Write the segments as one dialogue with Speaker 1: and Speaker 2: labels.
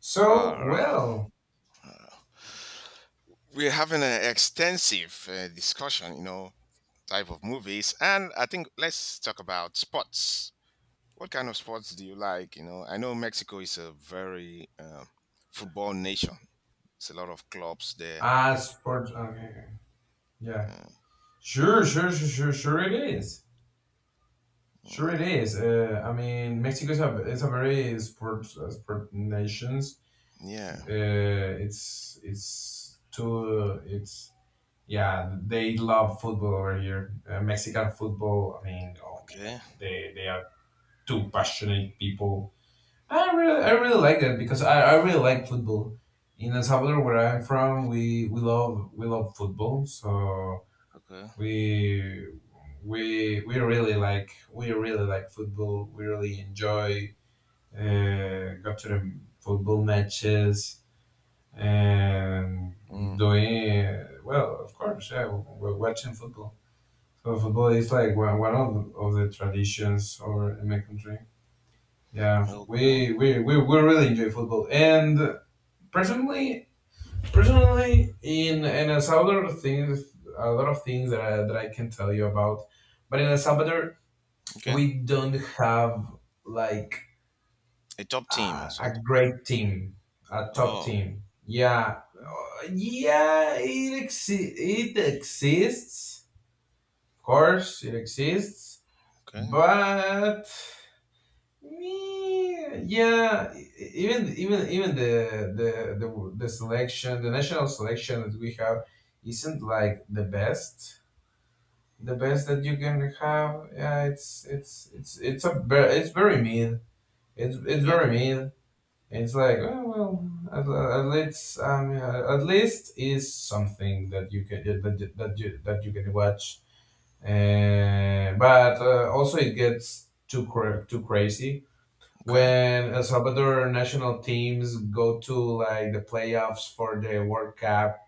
Speaker 1: So,
Speaker 2: Uh,
Speaker 1: well,
Speaker 2: we're having an extensive discussion, type of movies, and I think let's talk about sports. What kind of sports do you like? I know Mexico is a very football nation. It's a lot of clubs there.
Speaker 1: as for, okay, yeah,
Speaker 2: Uh,
Speaker 1: sure, sure, sure, sure, sure, it is. Sure, it
Speaker 2: mm,
Speaker 1: is. I mean, Mexico is a it's a very sport nations.
Speaker 2: yeah.
Speaker 1: Uh, it's too it's Yeah, they love football over here. Mexican football. I mean, oh my God,
Speaker 2: Okay.
Speaker 1: they are two passionate people. I really like that because I really like football. In El Salvador, where I'm from, we love football. So
Speaker 2: Okay.
Speaker 1: we we really like football. We really enjoy go to the football matches and
Speaker 2: Mm,
Speaker 1: doing well. Of course, yeah, we're watching football. So football is like one of the traditions or in my country. Yeah,
Speaker 2: okay.
Speaker 1: we really enjoy football, and personally, personally, in El Salvador, things a lot of things that I can tell you about, but in El Salvador,
Speaker 2: Okay.
Speaker 1: we don't have like
Speaker 2: A top
Speaker 1: a,
Speaker 2: team or
Speaker 1: a
Speaker 2: something.
Speaker 1: great team, a top
Speaker 2: Oh.
Speaker 1: team. Yeah. Yeah, it exists, of course, it exists,
Speaker 2: Okay.
Speaker 1: but. Meh, yeah, even the the the selection, the national selection that we have, isn't like the best that you can have. Yeah, it's very mean. It's
Speaker 2: Okay.
Speaker 1: very
Speaker 2: Okay.
Speaker 1: mean. It's like, oh, well, at, at least is something that you can that you- that you that you can watch. But also it gets too crazy
Speaker 2: Okay.
Speaker 1: when El Salvador national teams go to like the playoffs for the World Cup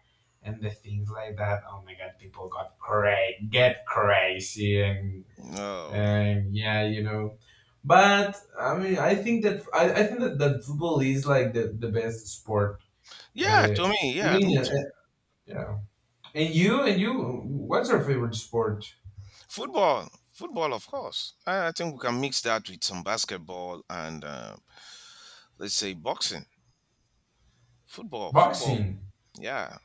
Speaker 1: and the things like that. Oh my God, people get crazy and
Speaker 2: No.
Speaker 1: and yeah. But I mean, I think that football is like the best sport.
Speaker 2: Yeah.
Speaker 1: Uh,
Speaker 2: To me.
Speaker 1: Even
Speaker 2: Yeah. Me
Speaker 1: in,
Speaker 2: too.
Speaker 1: yeah. And you, what's your favorite sport?
Speaker 2: Football, football, of course. I think we can mix that with some basketball and let's say boxing. Football, football.
Speaker 1: Boxing.
Speaker 2: Yeah,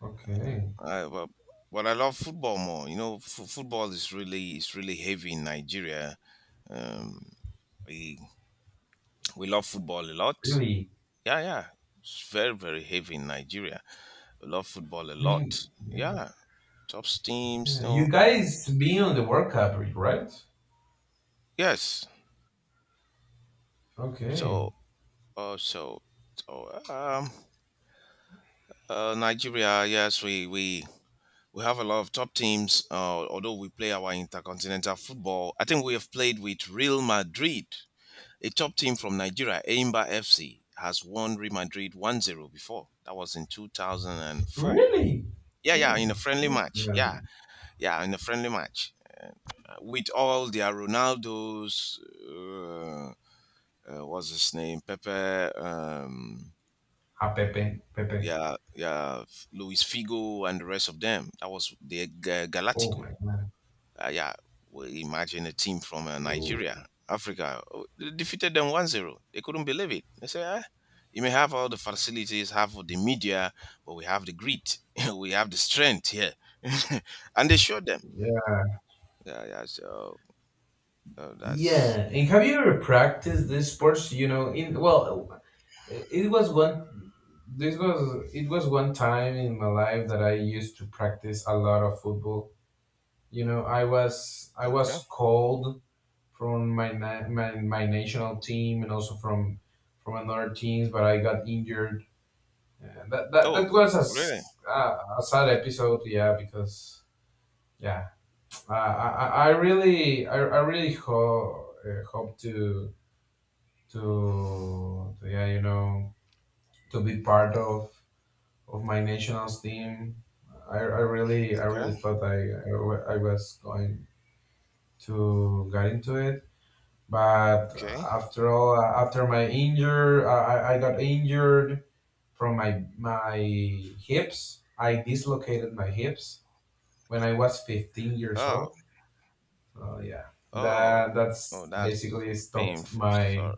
Speaker 1: Okay,
Speaker 2: but, I love football more. Football is really heavy in Nigeria. Um, we we love football a lot.
Speaker 1: really.
Speaker 2: Yeah, yeah. It's very very heavy in Nigeria. We love football a
Speaker 1: I mean,
Speaker 2: lot.
Speaker 1: yeah.
Speaker 2: Yeah, top teams.
Speaker 1: Yeah, you
Speaker 2: No,
Speaker 1: guys being on the World Cup, right?
Speaker 2: yes.
Speaker 1: Okay.
Speaker 2: So, uh, so, so, Nigeria. Yes, we have a lot of top teams, although we play our intercontinental football. I think we have played with Real Madrid. A top team from Nigeria, Aimba FC, has won Real Madrid 1-0 before. That was in 2004.
Speaker 1: Really?
Speaker 2: Yeah, yeah, in
Speaker 1: Oh,
Speaker 2: a friendly
Speaker 1: that's
Speaker 2: match. Yeah,
Speaker 1: um,
Speaker 2: yeah, in a friendly match. With all their Ronaldos, uh, what's his name? Pepe, um,
Speaker 1: ah, Pepe, Pepe.
Speaker 2: yeah, yeah, Luis Figo, and the rest of them. That was the
Speaker 1: Oh
Speaker 2: Galactico.
Speaker 1: my God.
Speaker 2: Yeah, we imagine a team from
Speaker 1: Oh,
Speaker 2: Nigeria, Africa. Oh, they defeated them 1-0. They couldn't believe it. They say, "Ah, you may have all the facilities, have all the media, but we have the grit." We have the strength here. And they showed them.
Speaker 1: yeah.
Speaker 2: Yeah, yeah. So that's
Speaker 1: Yeah. And have you ever practiced this sports? In, well, it was one. This was it was one time in my life that I used to practice a lot of football. I was
Speaker 2: okay.
Speaker 1: called from my, na- my national team and also from another teams, but I got injured. That
Speaker 2: Oh,
Speaker 1: was a,
Speaker 2: really?
Speaker 1: s- uh, a sad episode, yeah, because yeah, I really hope to, yeah, to be part of my national team. I really
Speaker 2: Okay,
Speaker 1: thought I was going to get into it, but
Speaker 2: okay.
Speaker 1: after all, after my injury, I got injured from my hips. I dislocated my hips when I was 15 years
Speaker 2: Oh,
Speaker 1: old, so yeah,
Speaker 2: oh,
Speaker 1: that
Speaker 2: oh,
Speaker 1: that's
Speaker 2: that's so
Speaker 1: basically stopped
Speaker 2: painful.
Speaker 1: my
Speaker 2: Sorry.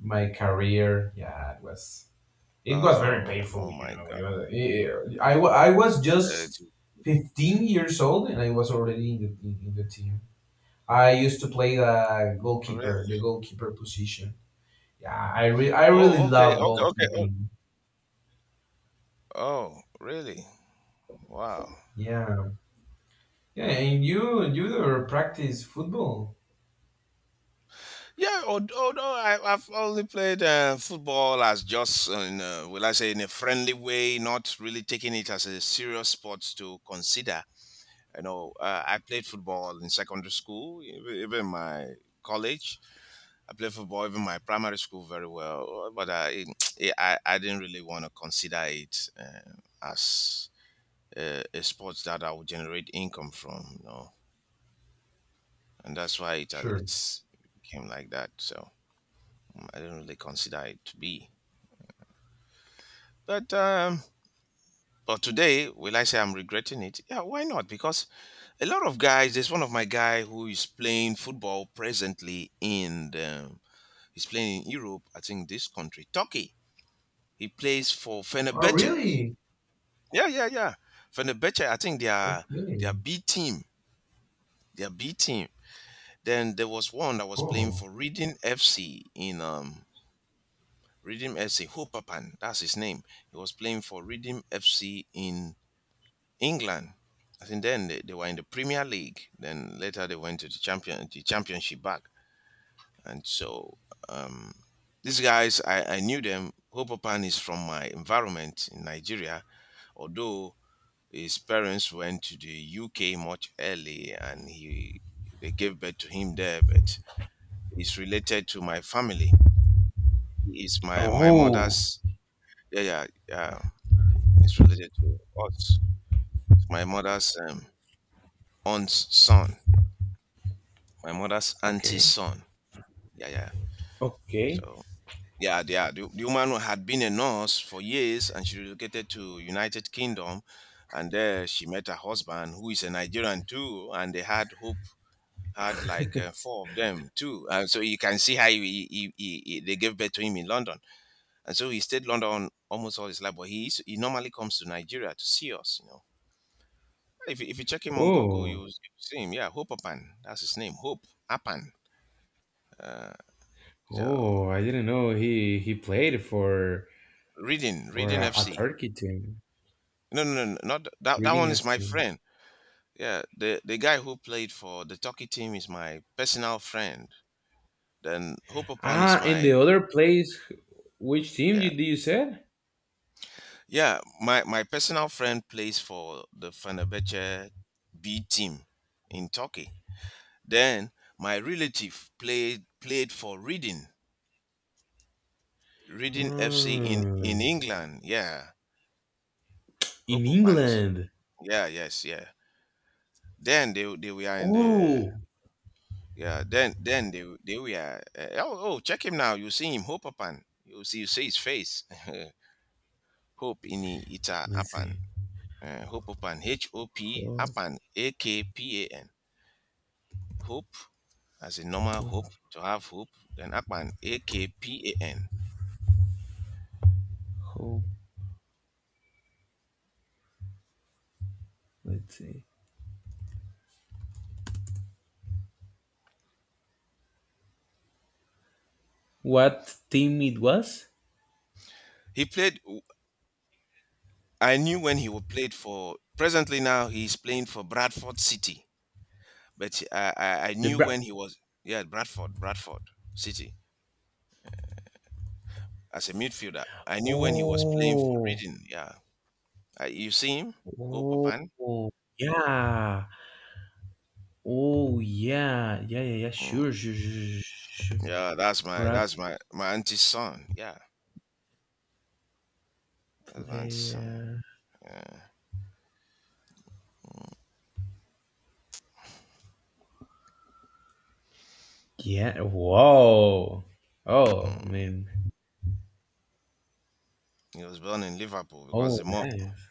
Speaker 1: my career. Yeah, it was very
Speaker 2: Oh,
Speaker 1: painful.
Speaker 2: oh my God.
Speaker 1: It was, it, I, wa- I was
Speaker 2: Uh,
Speaker 1: just
Speaker 2: j-
Speaker 1: 15 years old, and I was already in the team. I used to play the goalkeeper
Speaker 2: Really?
Speaker 1: the goalkeeper position. Yeah, I really
Speaker 2: Oh, okay,
Speaker 1: love
Speaker 2: okay, okay. Oh,
Speaker 1: goalkeeping.
Speaker 2: oh, really? Wow.
Speaker 1: Yeah, yeah, and you ever practice football?
Speaker 2: Yeah, although I've only played football as just, in a, will I say, in a friendly way, not really taking it as a serious sport to consider. I played football in secondary school, even my college. I played football even my primary school very well, but I, I didn't really want to consider it as a sport that I would generate income from. And that's why it
Speaker 1: Sure.
Speaker 2: it's became like that. So I didn't really consider it to be. But um, but today, will I say I'm regretting it? Yeah, why not? Because a lot of guys. There's one of my guy who is playing football presently in the. He's playing in Europe. I think this country, Turkey. He plays for
Speaker 1: Oh,
Speaker 2: Fenerbahce.
Speaker 1: really?
Speaker 2: Yeah, yeah, yeah. Fenerbahce. I think they are
Speaker 1: Okay.
Speaker 2: B team. They are B team. Then there was one that was playing
Speaker 1: Oh.
Speaker 2: for Reading FC in Reading FC. Hopapan, that's his name. He was playing for Reading FC in England. I think then they were in the Premier League. Then later they went to the championship back. And so um, these guys, I knew them. Hopopan is from my environment in Nigeria, although his parents went to the UK much early and he they gave birth to him there, but he's related to my family. He's my
Speaker 1: Oh,
Speaker 2: mother's, yeah, yeah, yeah. It's related to us. It's my mother's aunt's son, my mother's auntie's
Speaker 1: okay.
Speaker 2: son. Yeah, yeah.
Speaker 1: Okay.
Speaker 2: So yeah, yeah. The woman who had been a nurse for years, and she relocated to United Kingdom, and there she met her husband, who is a Nigerian too, and they had Hope, had like four of them too. And so you can see how they gave birth to him in London, and so he stayed London almost all his life. But he normally comes to Nigeria to see us, you know. If you check him on Google, you
Speaker 1: Oh,
Speaker 2: will see him. Yeah, Hope Appan, that's his name. Hope Appan. Uh, so,
Speaker 1: oh, I didn't know he played for
Speaker 2: Reading
Speaker 1: a
Speaker 2: FC.
Speaker 1: Turkey team.
Speaker 2: No, no, no, no, not th- that. That
Speaker 1: Reading
Speaker 2: one is my
Speaker 1: FC.
Speaker 2: friend. Yeah, the guy who played for the Turkey team is my personal friend. Then Hopopan is
Speaker 1: Ah, and
Speaker 2: my,
Speaker 1: the other place, which team
Speaker 2: yeah,
Speaker 1: you did you said?
Speaker 2: yeah, my personal friend plays for the Fenerbahce B team in Turkey. Then my relative played for Reading FC in
Speaker 1: Ah,
Speaker 2: in England. Yeah,
Speaker 1: in
Speaker 2: Hopopan is,
Speaker 1: England.
Speaker 2: yeah, yes, yeah. Then they were in the.
Speaker 1: Oh,
Speaker 2: Yeah, then they were oh oh, check him now. You see him, Hope Upan. You see his face. Hope in Ita
Speaker 1: let's
Speaker 2: Apan.
Speaker 1: see.
Speaker 2: Hope Upan, H O P
Speaker 1: Oh,
Speaker 2: Apan, Akpan. Hope as a normal
Speaker 1: oh.
Speaker 2: hope to have hope, then Apan Akpan.
Speaker 1: Hope. Let's see. What team it was?
Speaker 2: He played. I knew when he would played for. Presently now he's playing for Bradford City, but I
Speaker 1: The
Speaker 2: knew
Speaker 1: Bra.
Speaker 2: when he was, yeah, Bradford City as a midfielder. I knew when he was playing for
Speaker 1: Oh.
Speaker 2: Reading. Yeah, you see him? Hope
Speaker 1: Oh.
Speaker 2: Papan?
Speaker 1: Oh. Yeah. Oh yeah. Yeah. Yeah. Yeah.
Speaker 2: Mm,
Speaker 1: Sure. Sure. Sure. Sure.
Speaker 2: yeah, that's my
Speaker 1: Brad
Speaker 2: that's my my auntie's son. Yeah, that's my auntie's son.
Speaker 1: player.
Speaker 2: Yeah.
Speaker 1: Yeah. Whoa. Oh
Speaker 2: Mm.
Speaker 1: man.
Speaker 2: He was born in Liverpool because
Speaker 1: Oh
Speaker 2: the mom.
Speaker 1: nice.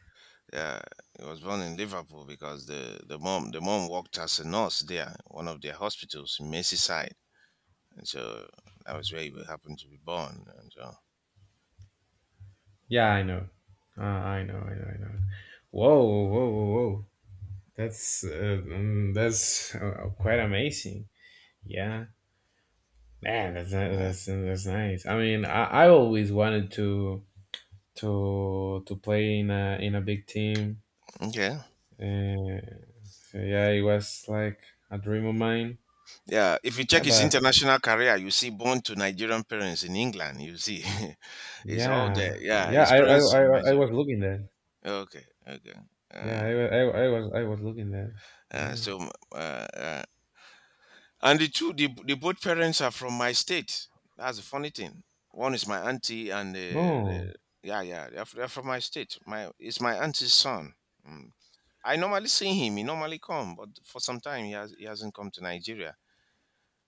Speaker 2: Yeah, he was born in Liverpool because the mom worked as a nurse there, one of their hospitals in Merseyside, and so that was where he happened to be born. And so
Speaker 1: Yeah. I know. I know. I know. I know. Whoa. Whoa. Whoa. Whoa. That's quite amazing. Yeah. Man, that's ni-
Speaker 2: yeah,
Speaker 1: that's nice. I mean, I always wanted to play in a big team.
Speaker 2: okay,
Speaker 1: Uh, so yeah, it was like a dream of mine.
Speaker 2: yeah. If you check
Speaker 1: Yeah,
Speaker 2: his
Speaker 1: but
Speaker 2: international career, you see born to Nigerian parents in England. You see, it's all
Speaker 1: yeah,
Speaker 2: there. Yeah,
Speaker 1: yeah,
Speaker 2: his
Speaker 1: I I,
Speaker 2: parents are
Speaker 1: I, I
Speaker 2: Nigerian.
Speaker 1: was looking that.
Speaker 2: Okay, okay.
Speaker 1: Yeah,
Speaker 2: Uh,
Speaker 1: I was looking that.
Speaker 2: uh,
Speaker 1: Yeah.
Speaker 2: so, m- uh, uh, and the both parents are from my state. That's a funny thing. One is my auntie, and
Speaker 1: Oh.
Speaker 2: the yeah, yeah, they're from my state. My It's my auntie's son. Mm. I normally see him. He normally come, but for some time he hasn't come to Nigeria.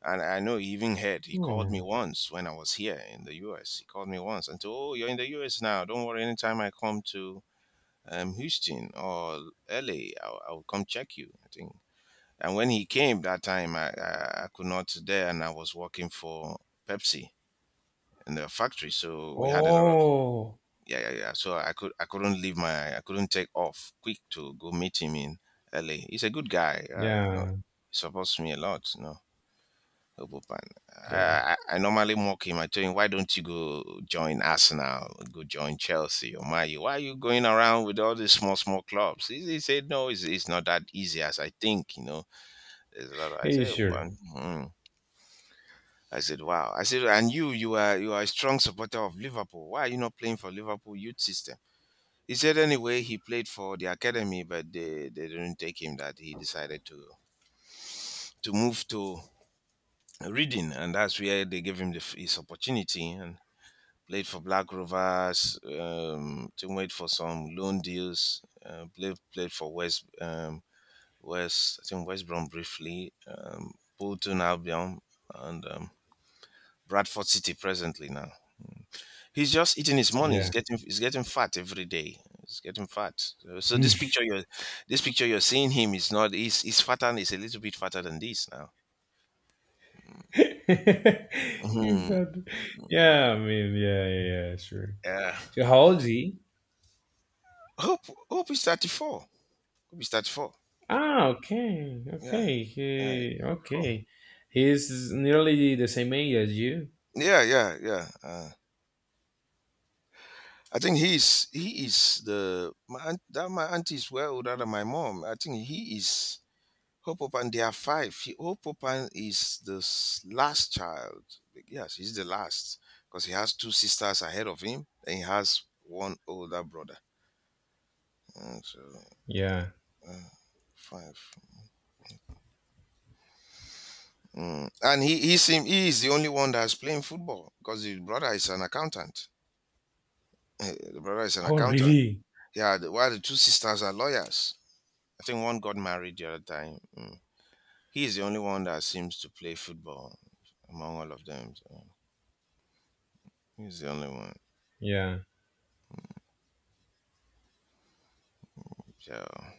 Speaker 2: And I know he even heard. He called me
Speaker 1: Oh.
Speaker 2: once when I was here in the U.S. He called me once and said, "Oh, you're in the U.S. now. Don't worry. Anytime I come to Houston or LA, I'll come check you. I think." And when he came that time, I could not there, and I was working for Pepsi in the factory. So we had a lot of,
Speaker 1: Oh.
Speaker 2: yeah, yeah, yeah. So I couldn't leave my, I couldn't take off quick to go meet him in LA. He's a good guy.
Speaker 1: Yeah.
Speaker 2: He supports me a lot. Obopan.
Speaker 1: Yeah.
Speaker 2: I normally mock him. I tell him, why don't you go join Arsenal, go join Chelsea or Man U? Why are you going around with all these small, small clubs? He said, no, it's not that easy as I think. There's a lot of, I
Speaker 1: Hey,
Speaker 2: say,
Speaker 1: sure.
Speaker 2: one. I said, "Wow!" I said, "And you are a strong supporter of Liverpool. Why are you not playing for Liverpool youth system?" He said, "Anyway, he played for the academy, but they didn't take him." That he decided to move to Reading, and that's where they gave him his opportunity and played for Black Rovers. To wait for some loan deals. Played for West West I think West Brom briefly, Bolton Albion, and Bradford City presently now. He's just eating his money. He's
Speaker 1: Yeah.
Speaker 2: getting he's getting fat every day. He's getting fat. So this picture you're seeing him is not, he's fatter, he's a little bit fatter than this now.
Speaker 1: He's
Speaker 2: Hmm.
Speaker 1: not. Yeah, I mean, yeah, yeah, yeah, sure.
Speaker 2: Yeah.
Speaker 1: So how old is he?
Speaker 2: Hope Hope is 34. Hope is 34.
Speaker 1: Ah, okay,
Speaker 2: Yeah.
Speaker 1: okay,
Speaker 2: Yeah. He's
Speaker 1: he,
Speaker 2: 34.
Speaker 1: okay. He's nearly the same age as you.
Speaker 2: Yeah. Yeah. Yeah. I think he's he is the my aunt, that my auntie is way older than my mom. I think he is Hope Opan, there are five. Hope Opan is the last child. Yes, he's the last because he has two sisters ahead of him and he has one older brother. Mm, so,
Speaker 1: Yeah.
Speaker 2: uh, five. Mm. And he is the only one that's playing football because the brother is an accountant. The brother is an
Speaker 1: Oh,
Speaker 2: accountant.
Speaker 1: really?
Speaker 2: Yeah, while the two sisters are lawyers. I think one got married the other time. Mm. He is the only one that seems to play football among all of them. So he's the only one.
Speaker 1: Yeah.
Speaker 2: Yeah.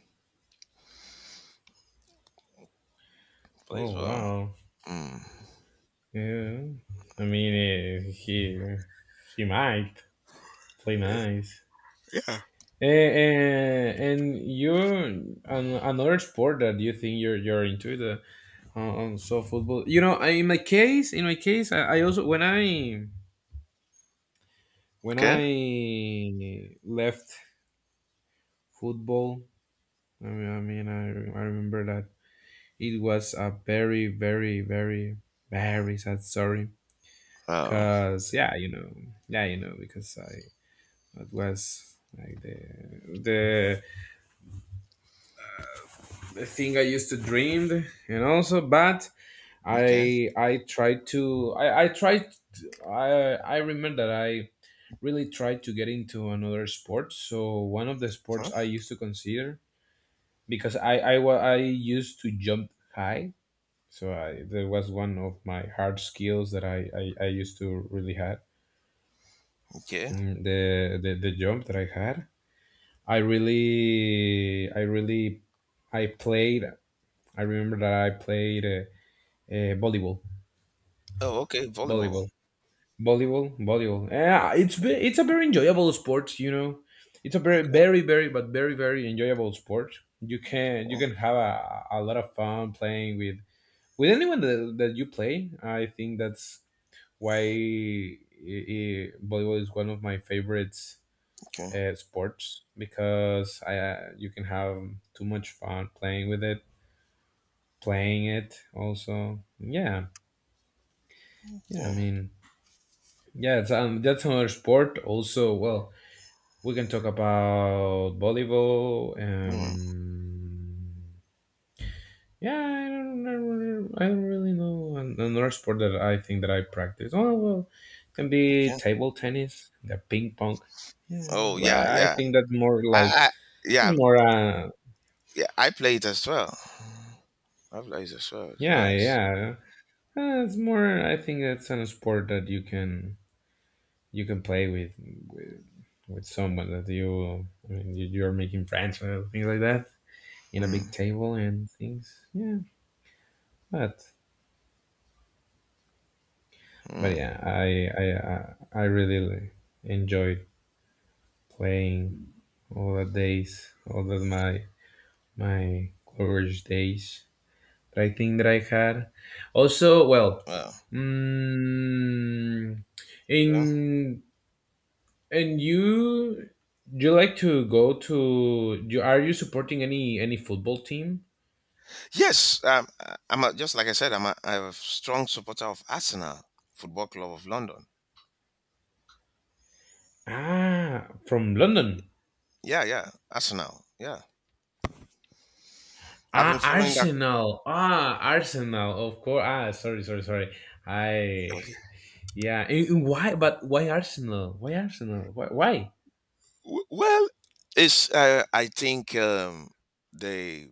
Speaker 1: Oh,
Speaker 2: Plays well.
Speaker 1: wow.
Speaker 2: Mm.
Speaker 1: Yeah. I mean, he might play nice.
Speaker 2: Yeah.
Speaker 1: And you an, another sport that you think you're into the so football. You know, I- in my case, I also when I when
Speaker 2: Okay.
Speaker 1: I left football. I mean, I remember that it was a very, very, very, very sad story.
Speaker 2: Oh.
Speaker 1: Cause yeah, because I that was like the the thing I used to dream, and also, but
Speaker 2: Okay.
Speaker 1: I I tried to I I tried I remember that I really tried to get into another sport. So one of the
Speaker 2: Huh?
Speaker 1: sports I used to consider because I used to jump high. So there was one of my hard skills that I used to really had.
Speaker 2: Okay.
Speaker 1: The jump that I had, I really I really I played. I remember that I played volleyball,
Speaker 2: Oh, okay. Volleyball.
Speaker 1: volleyball, volleyball, volleyball. Yeah, it's a very enjoyable sport. It's a very
Speaker 2: Okay.
Speaker 1: very very but very very enjoyable sport. You can you
Speaker 2: Okay.
Speaker 1: can have a lot of fun playing with anyone that you play. I think that's why volleyball is one of my favorites
Speaker 2: Okay.
Speaker 1: sports because I you can have too much fun playing with it, playing it also. Yeah, yeah. I
Speaker 2: Okay.
Speaker 1: mean, yeah. That's another sport. Also, well, we can talk about volleyball.
Speaker 2: Mm.
Speaker 1: Yeah, I don't really know another sport that I think that I practice. Oh well, it can be
Speaker 2: Okay.
Speaker 1: table tennis, the ping pong. Yeah,
Speaker 2: Oh,
Speaker 1: but
Speaker 2: yeah.
Speaker 1: I
Speaker 2: Yeah.
Speaker 1: think that's more
Speaker 2: I,
Speaker 1: like
Speaker 2: I. Yeah.
Speaker 1: that's more.
Speaker 2: Yeah. I played as well. I played as well. It's
Speaker 1: Yeah,
Speaker 2: nice.
Speaker 1: yeah, it's more. I think that's an sport that you can play with, with someone that you. I mean, you're making friends and things like that in a big
Speaker 2: Mm.
Speaker 1: table and things. Yeah, but but
Speaker 2: Mm.
Speaker 1: yeah, I really enjoy playing all the days, all of my college days. But I think that I had also, well,
Speaker 2: Well.
Speaker 1: mm,
Speaker 2: Okay.
Speaker 1: in, and you like to go to, you are you supporting any football team?
Speaker 2: Yes. I'm a, just like I said. I'm a strong supporter of Arsenal Football Club of London.
Speaker 1: Ah, from London.
Speaker 2: Yeah. Yeah. Arsenal. Yeah. I've been
Speaker 1: Ah,
Speaker 2: following that.
Speaker 1: Arsenal. Ah, Arsenal. Of course. Ah, sorry, sorry, sorry. I yeah. And Why? But why Arsenal? Why Arsenal? Why? Why?
Speaker 2: Well, it's, I think, they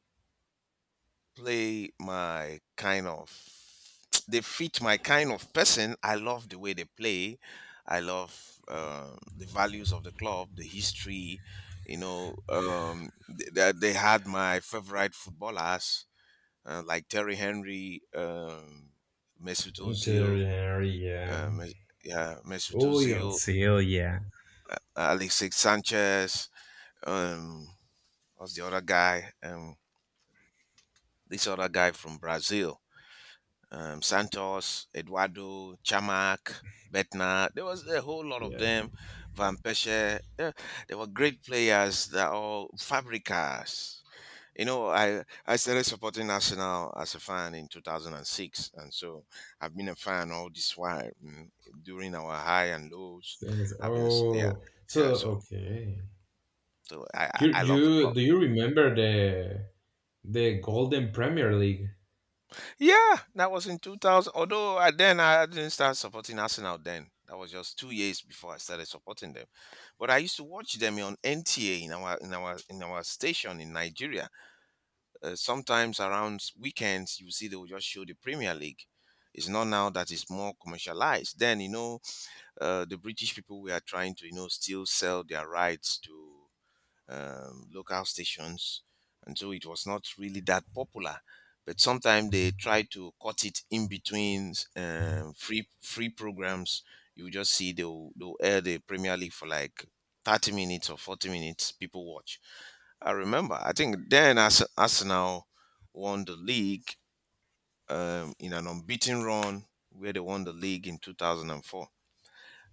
Speaker 2: play my kind of they fit my kind of person. I love the way they play. I love the values of the club, the history. They had my favorite footballers like Terry Henry, Mesut Ozil,
Speaker 1: Interior, yeah.
Speaker 2: uh, Mes- yeah, Mesut
Speaker 1: Oh,
Speaker 2: Ozil,
Speaker 1: Godzilla, yeah,
Speaker 2: Alexis Sanchez. Um, was the other guy? This other guy from Brazil, Santos, Eduardo, Chamac, Betna. There was a whole lot of
Speaker 1: yeah.
Speaker 2: them. Van Persie. Yeah, they were great players. They're all fabricas. I started supporting Arsenal as a fan in 2006. And six. And so I've been a fan all this while during our high and lows.
Speaker 1: Things-
Speaker 2: Yeah,
Speaker 1: Oh,
Speaker 2: yeah.
Speaker 1: so
Speaker 2: So,
Speaker 1: okay.
Speaker 2: so I,
Speaker 1: You
Speaker 2: I I love the club.
Speaker 1: you do you remember the Golden Premier League?
Speaker 2: Yeah, that was in 2000. Then I didn't start supporting Arsenal then. That was just 2 years before I started supporting them. But I used to watch them on NTA in our station in Nigeria. Sometimes around weekends, you see they will just show the Premier League. It's not now that it's more commercialized. Then, the British people were trying to still sell their rights to local stations, and so it was not really that popular. But sometimes they try to cut it in between free programs. You just see they'll air the Premier League for like 30 minutes or 40 minutes. People watch. I remember. I think then Arsenal won the league in an unbeaten run where they won the league in 2004.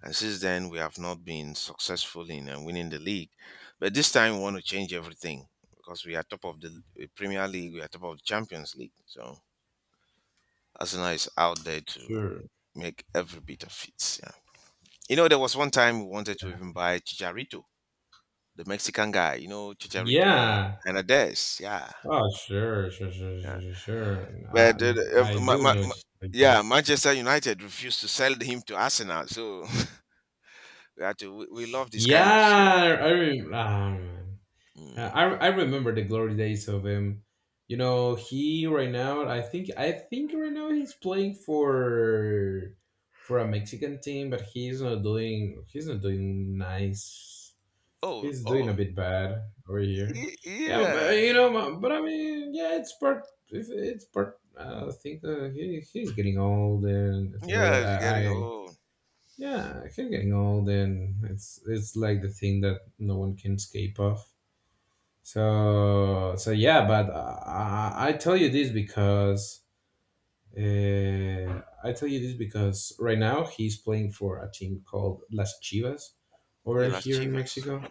Speaker 2: And since then, we have not been successful in winning the league. But this time, we want to change everything because we are top of the Premier League, we are top of the Champions League. So Arsenal is out there to
Speaker 1: Sure.
Speaker 2: make every bit of it. Yeah. There was one time we wanted to even buy Chicharito, the Mexican guy. Chicharito and
Speaker 1: Yeah.
Speaker 2: Hernandez. Yeah.
Speaker 1: Oh, sure, sure, sure,
Speaker 2: Yeah.
Speaker 1: sure, sure, sure. I
Speaker 2: But uh,
Speaker 1: I
Speaker 2: ma-
Speaker 1: do
Speaker 2: ma-
Speaker 1: know
Speaker 2: ma-
Speaker 1: just like that.
Speaker 2: yeah, Manchester United refused to sell him to Arsenal. So we had to. We love this kind of.
Speaker 1: Yeah, I remember.
Speaker 2: Mm.
Speaker 1: I remember the glory days of him. He right now. I think right now he's playing for a Mexican team, but he's not doing nice.
Speaker 2: Oh,
Speaker 1: He's doing a
Speaker 2: oh.
Speaker 1: bit bad over here. Yeah, but
Speaker 2: Yeah,
Speaker 1: but I mean, yeah, it's part. If it's part. I think he's getting old and things like
Speaker 2: yeah,
Speaker 1: that.
Speaker 2: it's getting
Speaker 1: I
Speaker 2: old.
Speaker 1: yeah, he's getting old, and it's like the thing that no one can escape of. So yeah, but I tell you this because right now he's playing for a team called Las Chivas
Speaker 2: Okay,
Speaker 1: over
Speaker 2: Las
Speaker 1: here in
Speaker 2: Chivas.
Speaker 1: Mexico.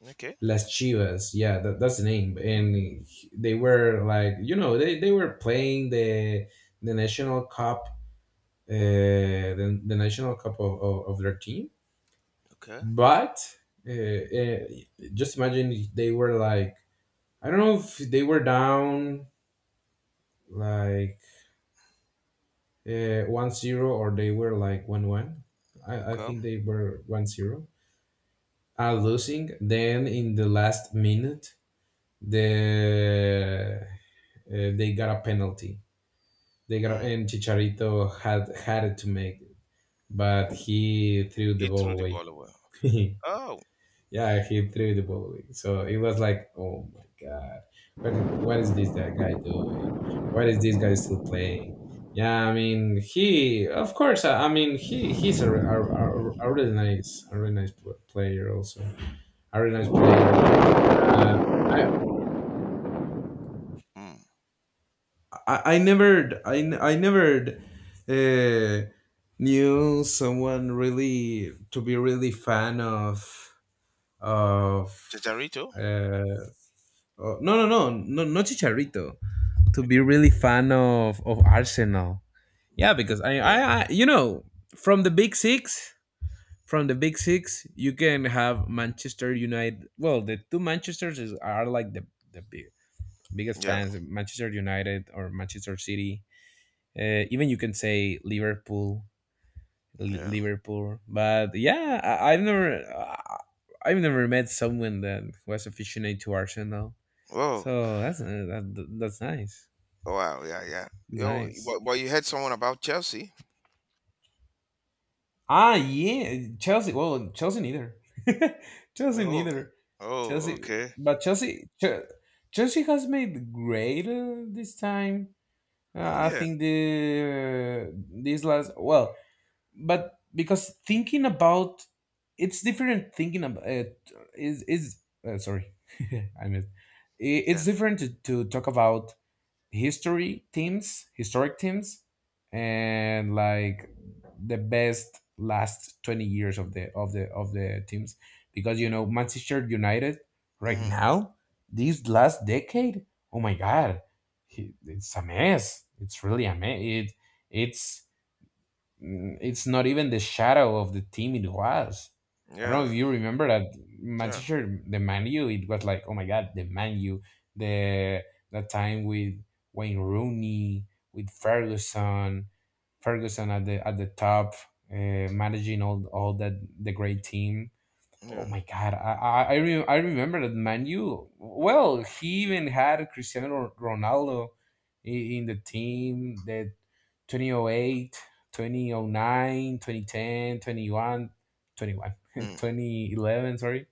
Speaker 2: Okay,
Speaker 1: Las Chivas, yeah, that's the name. And they were like, they were playing the National Cup, the National Cup of their team.
Speaker 2: okay,
Speaker 1: But uh, uh, just imagine they were like, I don't know if they were down like 1-0, or they were like 1-1. I
Speaker 2: cool.
Speaker 1: think they were 1-0. Losing. Then in the last minute, the uh, they got a penalty. They got,
Speaker 2: Mm.
Speaker 1: and Chicharito had it to make, it, but he threw the
Speaker 2: He threw
Speaker 1: ball
Speaker 2: the
Speaker 1: away.
Speaker 2: ball away. Oh,
Speaker 1: Yeah, he threw the ball away. So it was like, oh my god, what is this that guy doing? What is this guy still playing? Yeah, I mean, he of course. I mean, he's a really nice, a really nice player. Also, a really nice player. Uh, I,
Speaker 2: mm.
Speaker 1: I never uh, knew someone really to be really fan of.
Speaker 2: Chicharito.
Speaker 1: Uh, no, no, no, no, not Chicharito. To be
Speaker 2: Okay,
Speaker 1: really fan of Arsenal. Yeah, because
Speaker 2: yeah,
Speaker 1: I, you know, from the Big Six, you can have Manchester United. Well, the two Manchesters is, are like the biggest
Speaker 2: yeah,
Speaker 1: fans: Manchester United or Manchester City. Even you can say Liverpool,
Speaker 2: yeah.
Speaker 1: Liverpool. But yeah, I- I've never met someone that was aficionated to Arsenal.
Speaker 2: Oh,
Speaker 1: So that's that's nice.
Speaker 2: wow, yeah, yeah. Yo,
Speaker 1: Nice.
Speaker 2: but you heard someone about Chelsea?
Speaker 1: Ah, yeah, Chelsea. Well, Chelsea neither. Chelsea
Speaker 2: Oh.
Speaker 1: neither.
Speaker 2: Oh,
Speaker 1: Chelsea,
Speaker 2: okay.
Speaker 1: but Chelsea, Chelsea has made great this time. Uh, I
Speaker 2: Yeah,
Speaker 1: think the this last, well, but because thinking about, it's different. Thinking about it is sorry, I missed. It's
Speaker 2: yeah,
Speaker 1: different to, talk about history teams, historic teams, and like the best last 20 years of the teams, because you know Manchester United right
Speaker 2: mm,
Speaker 1: now, this last decade, oh my god, it's a mess, it's really a mess, it's It's not even the shadow of the team it was. I don't know if
Speaker 2: yeah,
Speaker 1: you remember that
Speaker 2: yeah,
Speaker 1: Manchester, the Man U, it was like, oh my God, the Man U, the that time with Wayne Rooney, with Ferguson, at the top, uh, managing all that, the great team. Oh
Speaker 2: yeah.
Speaker 1: my God, I remember that Manu. Well, he even had Cristiano Ronaldo i- in the team that 2008, 2009, 2010, twenty one, 21,
Speaker 2: Mm.
Speaker 1: 2011. Sorry.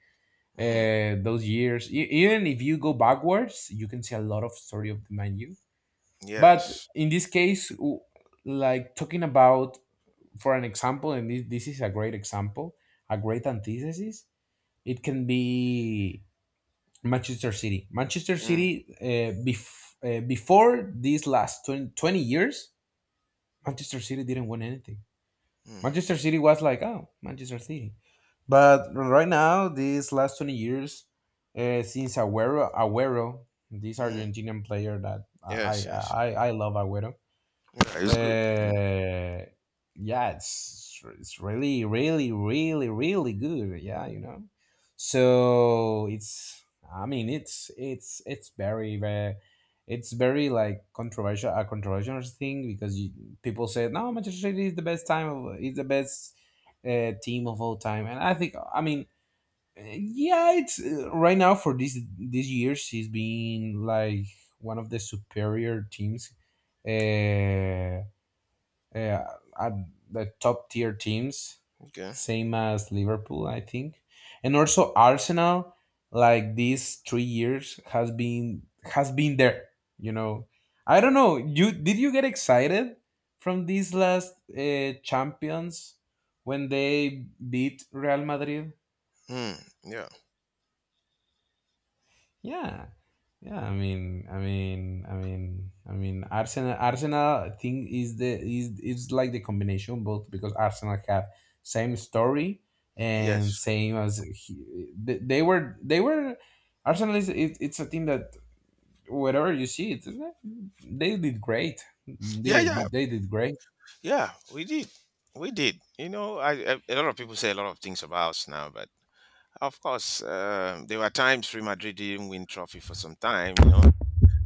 Speaker 2: Mm.
Speaker 1: Those years, even if you go backwards, you can see a lot of story of the Manu. But
Speaker 2: Yes.
Speaker 1: in this case, like talking about, for an example, and this is a great example, a great antithesis it can be Manchester City. Manchester
Speaker 2: Mm.
Speaker 1: City, before these last 20 20 years, Manchester City didn't win anything.
Speaker 2: Mm.
Speaker 1: Manchester City was like, oh, Manchester City. But right now, these last 20 years, since Aguero, this
Speaker 2: Mm.
Speaker 1: Argentinian player that
Speaker 2: Yes, yes.
Speaker 1: I love Aguero,
Speaker 2: Yeah, it's good. Mm.
Speaker 1: uh, yeah, it's really, really, really, really good. Yeah, you know. So it's, I mean, it's very, very, it's very like controversial, a controversial thing, because you, people say no, Manchester City is the best time of is the best team of all time, and I think, I mean. uh, Yeah, it's right now for this these years. He's been like one of the superior teams, uh, uh, at the top tier teams,
Speaker 2: Okay.
Speaker 1: same as Liverpool, I think, and also Arsenal. Like these 3 years has been there. You know, I don't know. You Did you get excited from these last champions, when they beat Real Madrid?
Speaker 2: Mm. Yeah.
Speaker 1: Yeah. Yeah, I mean, I mean, I mean, I mean, Arsenal, thing is the is like the combination both, because Arsenal have same story, and
Speaker 2: Yes.
Speaker 1: same as he, they were Arsenal is it, it's a team that wherever you see it, they did great,
Speaker 2: Yeah, yeah.
Speaker 1: did great.
Speaker 2: Yeah, we did. We did. You know, I A lot of people say a lot of things about us now, but of course, there were times Real Madrid didn't win trophy for some time.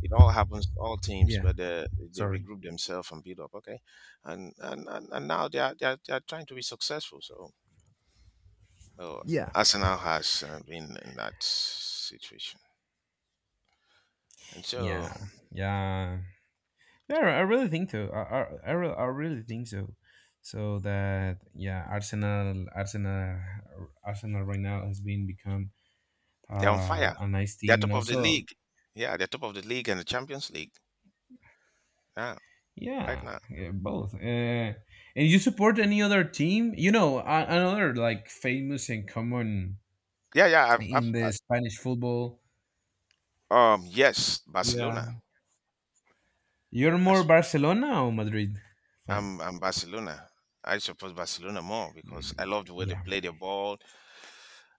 Speaker 2: It all happens to all teams,
Speaker 1: Yeah,
Speaker 2: but they
Speaker 1: sorry.
Speaker 2: regroup themselves and build up. Okay, and now they are trying to be successful. So, well,
Speaker 1: Yeah,
Speaker 2: Arsenal has been in that situation, and so
Speaker 1: yeah, yeah. Yeah, I really think so. I really think so. So that, yeah, Arsenal right now has been become
Speaker 2: they're on fire.
Speaker 1: a nice
Speaker 2: They're
Speaker 1: team, and
Speaker 2: top of the
Speaker 1: also
Speaker 2: league. Yeah, they're top of the league and the Champions League. Yeah, right
Speaker 1: yeah,
Speaker 2: now.
Speaker 1: yeah, both. And you support any other team? You know, another, like famous and common
Speaker 2: Yeah, yeah. I've,
Speaker 1: in
Speaker 2: I
Speaker 1: the Spanish football.
Speaker 2: Yes,
Speaker 1: Yeah,
Speaker 2: Barcelona.
Speaker 1: you're
Speaker 2: I,
Speaker 1: more Barcelona or Madrid fan?
Speaker 2: I'm Barcelona. I suppose Barcelona more because I
Speaker 1: Mm,
Speaker 2: love the way they
Speaker 1: yeah,
Speaker 2: play the ball.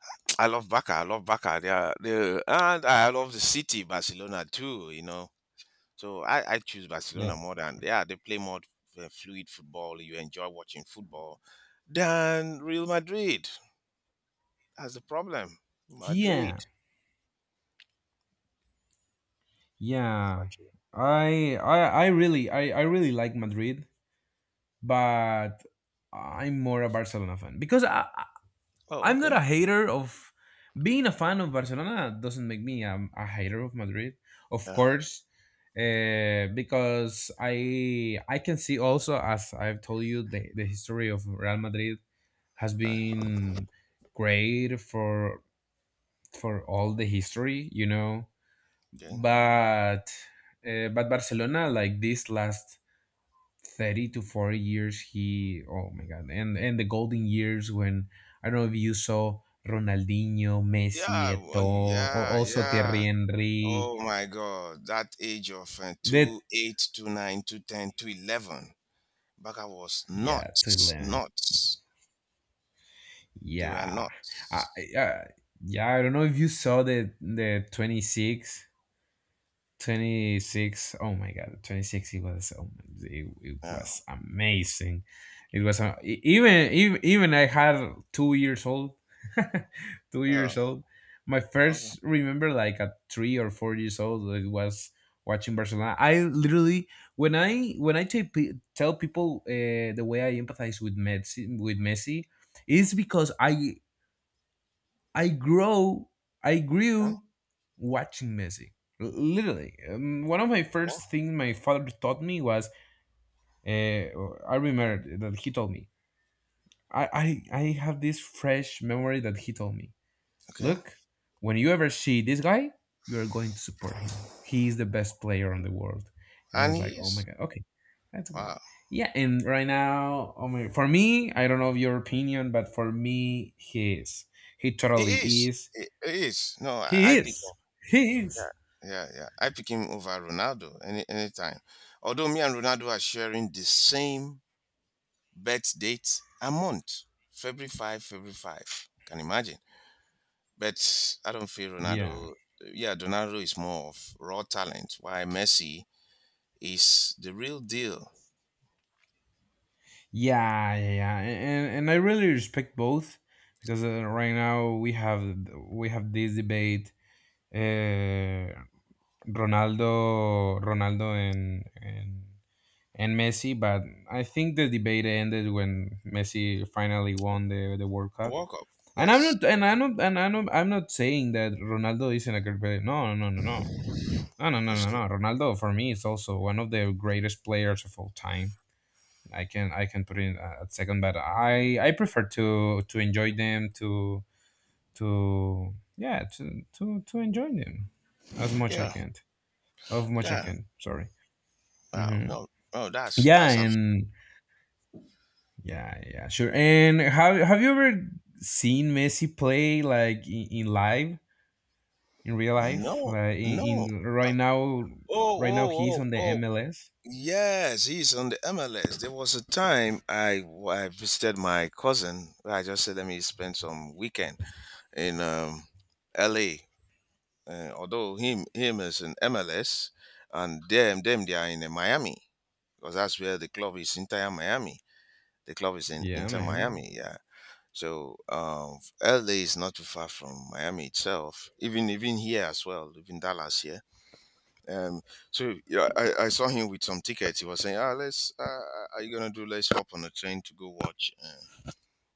Speaker 2: I love Barca. I love Barca. They and I love the city Barcelona too. So I choose
Speaker 1: yeah,
Speaker 2: Barcelona more than yeah. They play more fluid football. You enjoy watching football than Real Madrid. That's the problem. Madrid.
Speaker 1: yeah. Yeah,
Speaker 2: Madrid.
Speaker 1: I I really, I really like Madrid, but I'm more a Barcelona fan because
Speaker 2: Oh,
Speaker 1: I'm not
Speaker 2: okay.
Speaker 1: a hater of, being a fan of Barcelona doesn't make me a hater of Madrid, of
Speaker 2: Yeah.
Speaker 1: course, because I can see also, as I've told you, the history of Real Madrid has been great for all the history, you know,
Speaker 2: Okay.
Speaker 1: but but Barcelona, like this last 30 to 40 years, he, oh my god, and the golden years when, I don't know if you saw Ronaldinho, Messi,
Speaker 2: Yeah. Well,
Speaker 1: Eto'o,
Speaker 2: yeah.
Speaker 1: also
Speaker 2: Yeah.
Speaker 1: Thierry Henry.
Speaker 2: Oh my God, that age of
Speaker 1: That,
Speaker 2: 2, 8, I was
Speaker 1: yeah, to
Speaker 2: nuts,
Speaker 1: learn.
Speaker 2: nuts. They were
Speaker 1: Yeah. I,
Speaker 2: nuts.
Speaker 1: I, yeah, I don't know if you saw the 26. 26, oh my god, 26, it was, oh, it
Speaker 2: Yeah.
Speaker 1: was amazing, it was even I had 2 years old, two
Speaker 2: Oh,
Speaker 1: years old. My
Speaker 2: okay.
Speaker 1: first remember, like at 3 or 4 years old, it was watching Barcelona. I literally, when I tell tell people the way I empathize with Messi, is because I I grow, I
Speaker 2: Yeah,
Speaker 1: grew watching Messi. Literally, one of my first
Speaker 2: yeah,
Speaker 1: things my father taught me was, uh, I remember that he told me. I, I I have this fresh memory that he told me.
Speaker 2: okay.
Speaker 1: Look, when you ever see this guy, you are going to support him. He is the best player on the world. And I
Speaker 2: And
Speaker 1: was
Speaker 2: he
Speaker 1: like, oh my
Speaker 2: is.
Speaker 1: god, okay, that's okay.
Speaker 2: Wow.
Speaker 1: Yeah, and right now, oh my, for me, I don't know of your opinion, but for me, he is. He
Speaker 2: He
Speaker 1: totally
Speaker 2: is.
Speaker 1: is.
Speaker 2: He is. No, I,
Speaker 1: He
Speaker 2: I pick him.
Speaker 1: is. He is.
Speaker 2: Yeah, yeah. I pick him over Ronaldo anytime. Although me and Ronaldo are sharing the same birth date and month. February 5, February 5. Can you imagine? But I don't feel
Speaker 1: Yeah,
Speaker 2: Ronaldo. Yeah, Ronaldo is more of raw talent, while Messi is the real deal.
Speaker 1: yeah, yeah, yeah, and I really respect both, because right now we have this debate. Uh, Ronaldo, and Messi, but I think the debate ended when Messi finally won the World Cup.
Speaker 2: Walk up,
Speaker 1: And I'm
Speaker 2: yes.
Speaker 1: not, and I'm not, and I'm not saying that Ronaldo isn't a great player. No, no, no, no, no, no, no, no, no.
Speaker 2: Like,
Speaker 1: No. Ronaldo for me is also one of the greatest players of all time. I can put it in at second, but I prefer to enjoy them, to yeah to enjoy them as much I
Speaker 2: yeah,
Speaker 1: can, of much I
Speaker 2: yeah.
Speaker 1: can. Sorry.
Speaker 2: Wow,
Speaker 1: hmm
Speaker 2: no, no,
Speaker 1: Yeah, and yeah, yeah, sure. And have you ever seen Messi play, like in live, in real life?
Speaker 2: no,
Speaker 1: Like
Speaker 2: no.
Speaker 1: in
Speaker 2: No.
Speaker 1: right now,
Speaker 2: Oh,
Speaker 1: right now
Speaker 2: oh,
Speaker 1: he's
Speaker 2: oh,
Speaker 1: on the
Speaker 2: oh.
Speaker 1: MLS.
Speaker 2: Yes, he's on the MLS. There was a time I visited my cousin. I just said, let me spend some weekend in LA. Although him is in MLS, and them they are in Miami because that's where the club is Inter Miami. The club is in
Speaker 1: Yeah,
Speaker 2: Inter
Speaker 1: man.
Speaker 2: Miami, yeah. So LA is not too far from Miami itself, even here as well, even Dallas here. Um, so yeah, I saw him with some tickets. He was saying, "Ah, let's are you gonna do? Let's hop on a train to go watch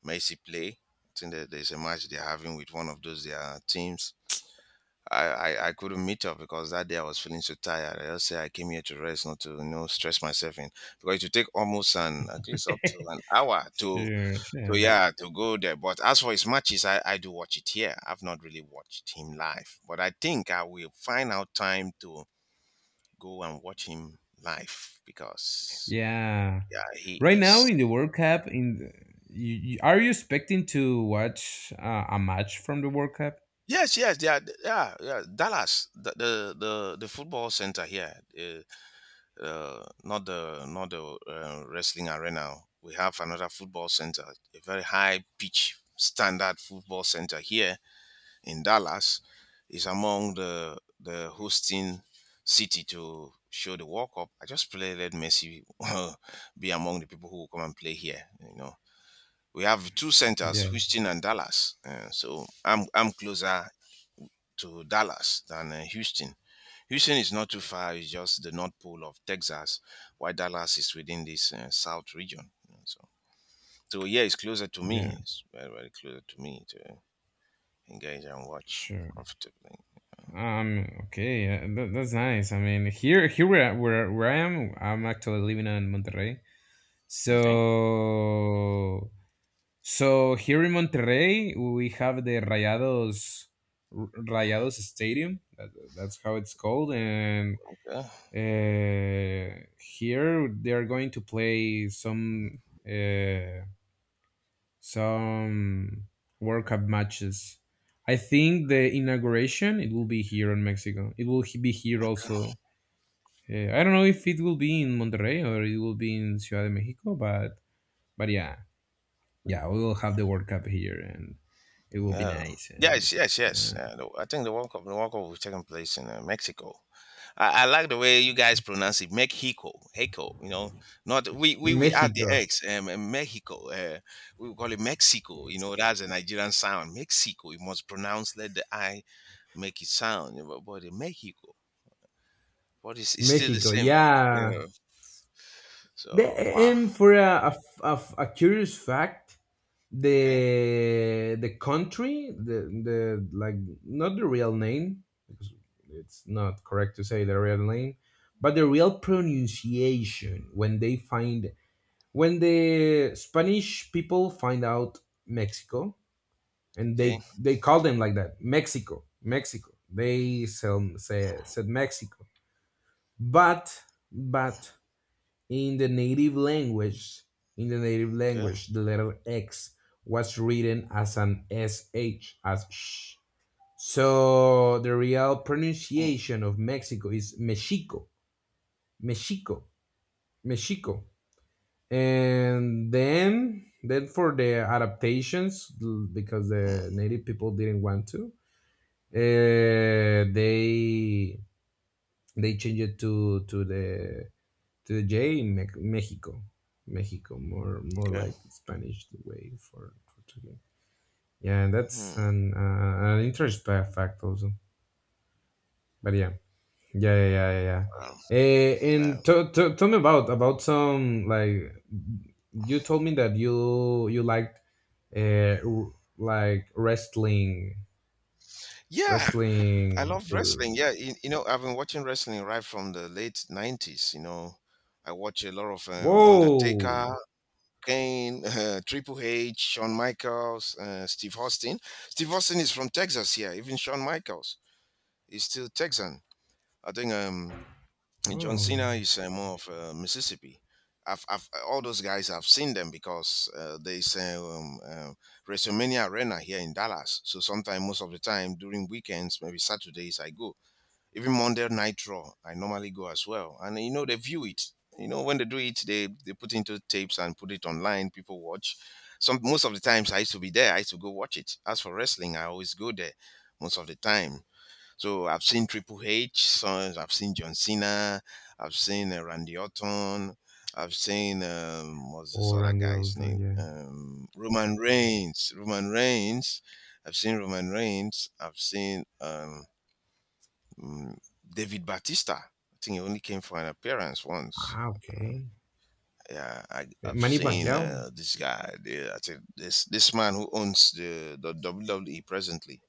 Speaker 2: Messi play." I think that there's a match they're having with one of those their teams. I couldn't meet up because that day I was feeling so tired. I just say I came here to rest, not to stress myself in because it would take almost an at least up to an hour
Speaker 1: Sure,
Speaker 2: to
Speaker 1: sure.
Speaker 2: yeah, to go there. But as for his matches, I do watch it here. I've not really watched him live, but I think I will find out time to go and watch him live because
Speaker 1: Yeah.
Speaker 2: yeah, he
Speaker 1: Right now
Speaker 2: is.
Speaker 1: in the World Cup, are you expecting to watch a match from the World Cup?
Speaker 2: Yes, yes, yeah, yeah, yeah. Dallas, the football center here. Not the wrestling arena. We have another football center, a very high pitch standard football center here in Dallas. Is among the hosting city to show the World Cup. I just pray let Messi be among the people who will come and play here. We have two centers,
Speaker 1: Yeah,
Speaker 2: Houston and Dallas. So I'm closer to Dallas than Houston. Houston is not too far. It's just the North Pole of Texas, while Dallas is within this South region. So yeah, it's closer to
Speaker 1: yeah,
Speaker 2: me. It's very, very closer to me to engage and watch
Speaker 1: sure.
Speaker 2: comfortably.
Speaker 1: Okay, that's nice. I mean, here, where I am, I'm actually living in Monterrey.
Speaker 2: Okay.
Speaker 1: So, so here in Monterrey, we have the Rayados, Rayados Stadium. That, that's how it's called. And
Speaker 2: Okay.
Speaker 1: Here they are going to play some uh, some World Cup matches. I think the inauguration, it will be here in Mexico. It will be here
Speaker 2: Okay.
Speaker 1: also. I don't know if it will be in Monterrey, or it will be in Ciudad de Mexico, but yeah, yeah, we will have the World Cup here, and it will be
Speaker 2: Yeah.
Speaker 1: nice. And
Speaker 2: Yes. Yes. Yes.
Speaker 1: uh,
Speaker 2: I think the World Cup, will taking place in Mexico. I like the way you guys pronounce it. Mexico, Heiko. Not we add the
Speaker 1: Mexico.
Speaker 2: X. In Mexico. We call it Mexico.
Speaker 1: Yes, yeah.
Speaker 2: That's a Nigerian sound. Mexico. You must pronounce let the I make it sound. But Mexico. But it's still the
Speaker 1: Mexico,
Speaker 2: same. Yeah.
Speaker 1: yeah. The,
Speaker 2: So, wow.
Speaker 1: and for a a curious fact,
Speaker 2: Okay.
Speaker 1: the country, the like, not the real name, because it's not correct to say the real name, but the real pronunciation when they find, when the Spanish people find out Mexico, and
Speaker 2: Okay.
Speaker 1: they call them like that, Mexico, Mexico, they sell, say, said Mexico, but but in the native language, in the native
Speaker 2: Good.
Speaker 1: language, the letter X was written as an SH, as sh. So the real
Speaker 2: Mm,
Speaker 1: pronunciation of Mexico is Mexico, Mexico, Mexico. And then for the adaptations, because
Speaker 2: mm,
Speaker 1: the native people didn't want to, uh, they they changed it to the J in Mexico. Mexico, more
Speaker 2: good.
Speaker 1: like Spanish the way for Portuguese. Yeah, and that's
Speaker 2: Mm,
Speaker 1: an interest fact also. But yeah, yeah, yeah, yeah, yeah, yeah.
Speaker 2: wow.
Speaker 1: Eh,
Speaker 2: Wow.
Speaker 1: and to, tell me about some, like, you told me that you liked, uh, r- like wrestling,
Speaker 2: Yeah, I
Speaker 1: wrestling.
Speaker 2: love
Speaker 1: Uh,
Speaker 2: wrestling. Yeah, I've been watching wrestling right from the late '90s. I watch a lot of
Speaker 1: Whoa,
Speaker 2: Undertaker. Kane, Triple H, Shawn Michaels, Steve Austin. Steve Austin is from Texas here. Even Shawn Michaels is still Texan. I think John
Speaker 1: oh,
Speaker 2: Cena is more of Mississippi. All those guys, I've seen them because there's WrestleMania Arena here in Dallas. So sometimes, most of the time during weekends, maybe Saturdays, I go. Even Monday Night Raw, I normally go as well. And they view it. When they do it, they put into tapes and put it online. People watch. Some most of the times I used to be there. I used to go watch it. As for wrestling, I always go there most of the time. So I've seen Triple H, so I've seen John Cena, I've seen Randy Orton, I've seen what's this
Speaker 1: or
Speaker 2: other
Speaker 1: Randy
Speaker 2: guy's name?
Speaker 1: Orton, yeah.
Speaker 2: Roman Reigns. Roman Reigns. I've seen Roman Reigns. I've seen Mm, David Batista. I think he only came for an appearance once.
Speaker 1: Ah, okay.
Speaker 2: Yeah,
Speaker 1: Eh,
Speaker 2: I've
Speaker 1: Manny
Speaker 2: seen
Speaker 1: Pacquiao.
Speaker 2: this guy. I think this man who owns the WWE presently.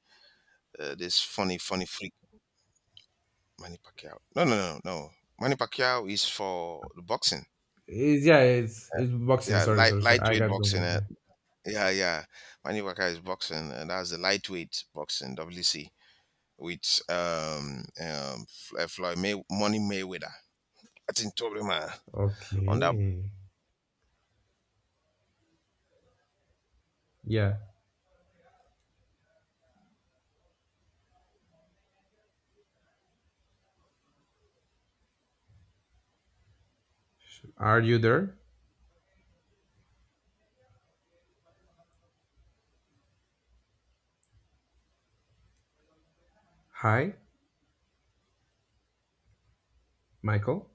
Speaker 2: This funny, funny freak, Manny Pacquiao. No, no, no, no. Manny Pacquiao is for the boxing.
Speaker 1: It's, yeah, it's boxing.
Speaker 2: Yeah,
Speaker 1: Sorry, sorry, sorry. I
Speaker 2: lightweight
Speaker 1: got
Speaker 2: boxing.
Speaker 1: confused. Yeah.
Speaker 2: Yeah, yeah. Manny Pacquiao is boxing, and that's the lightweight boxing WC with Money Mayweather. I think Toby man on that
Speaker 1: Okay. Yeah. Are you there? Hi, Michael.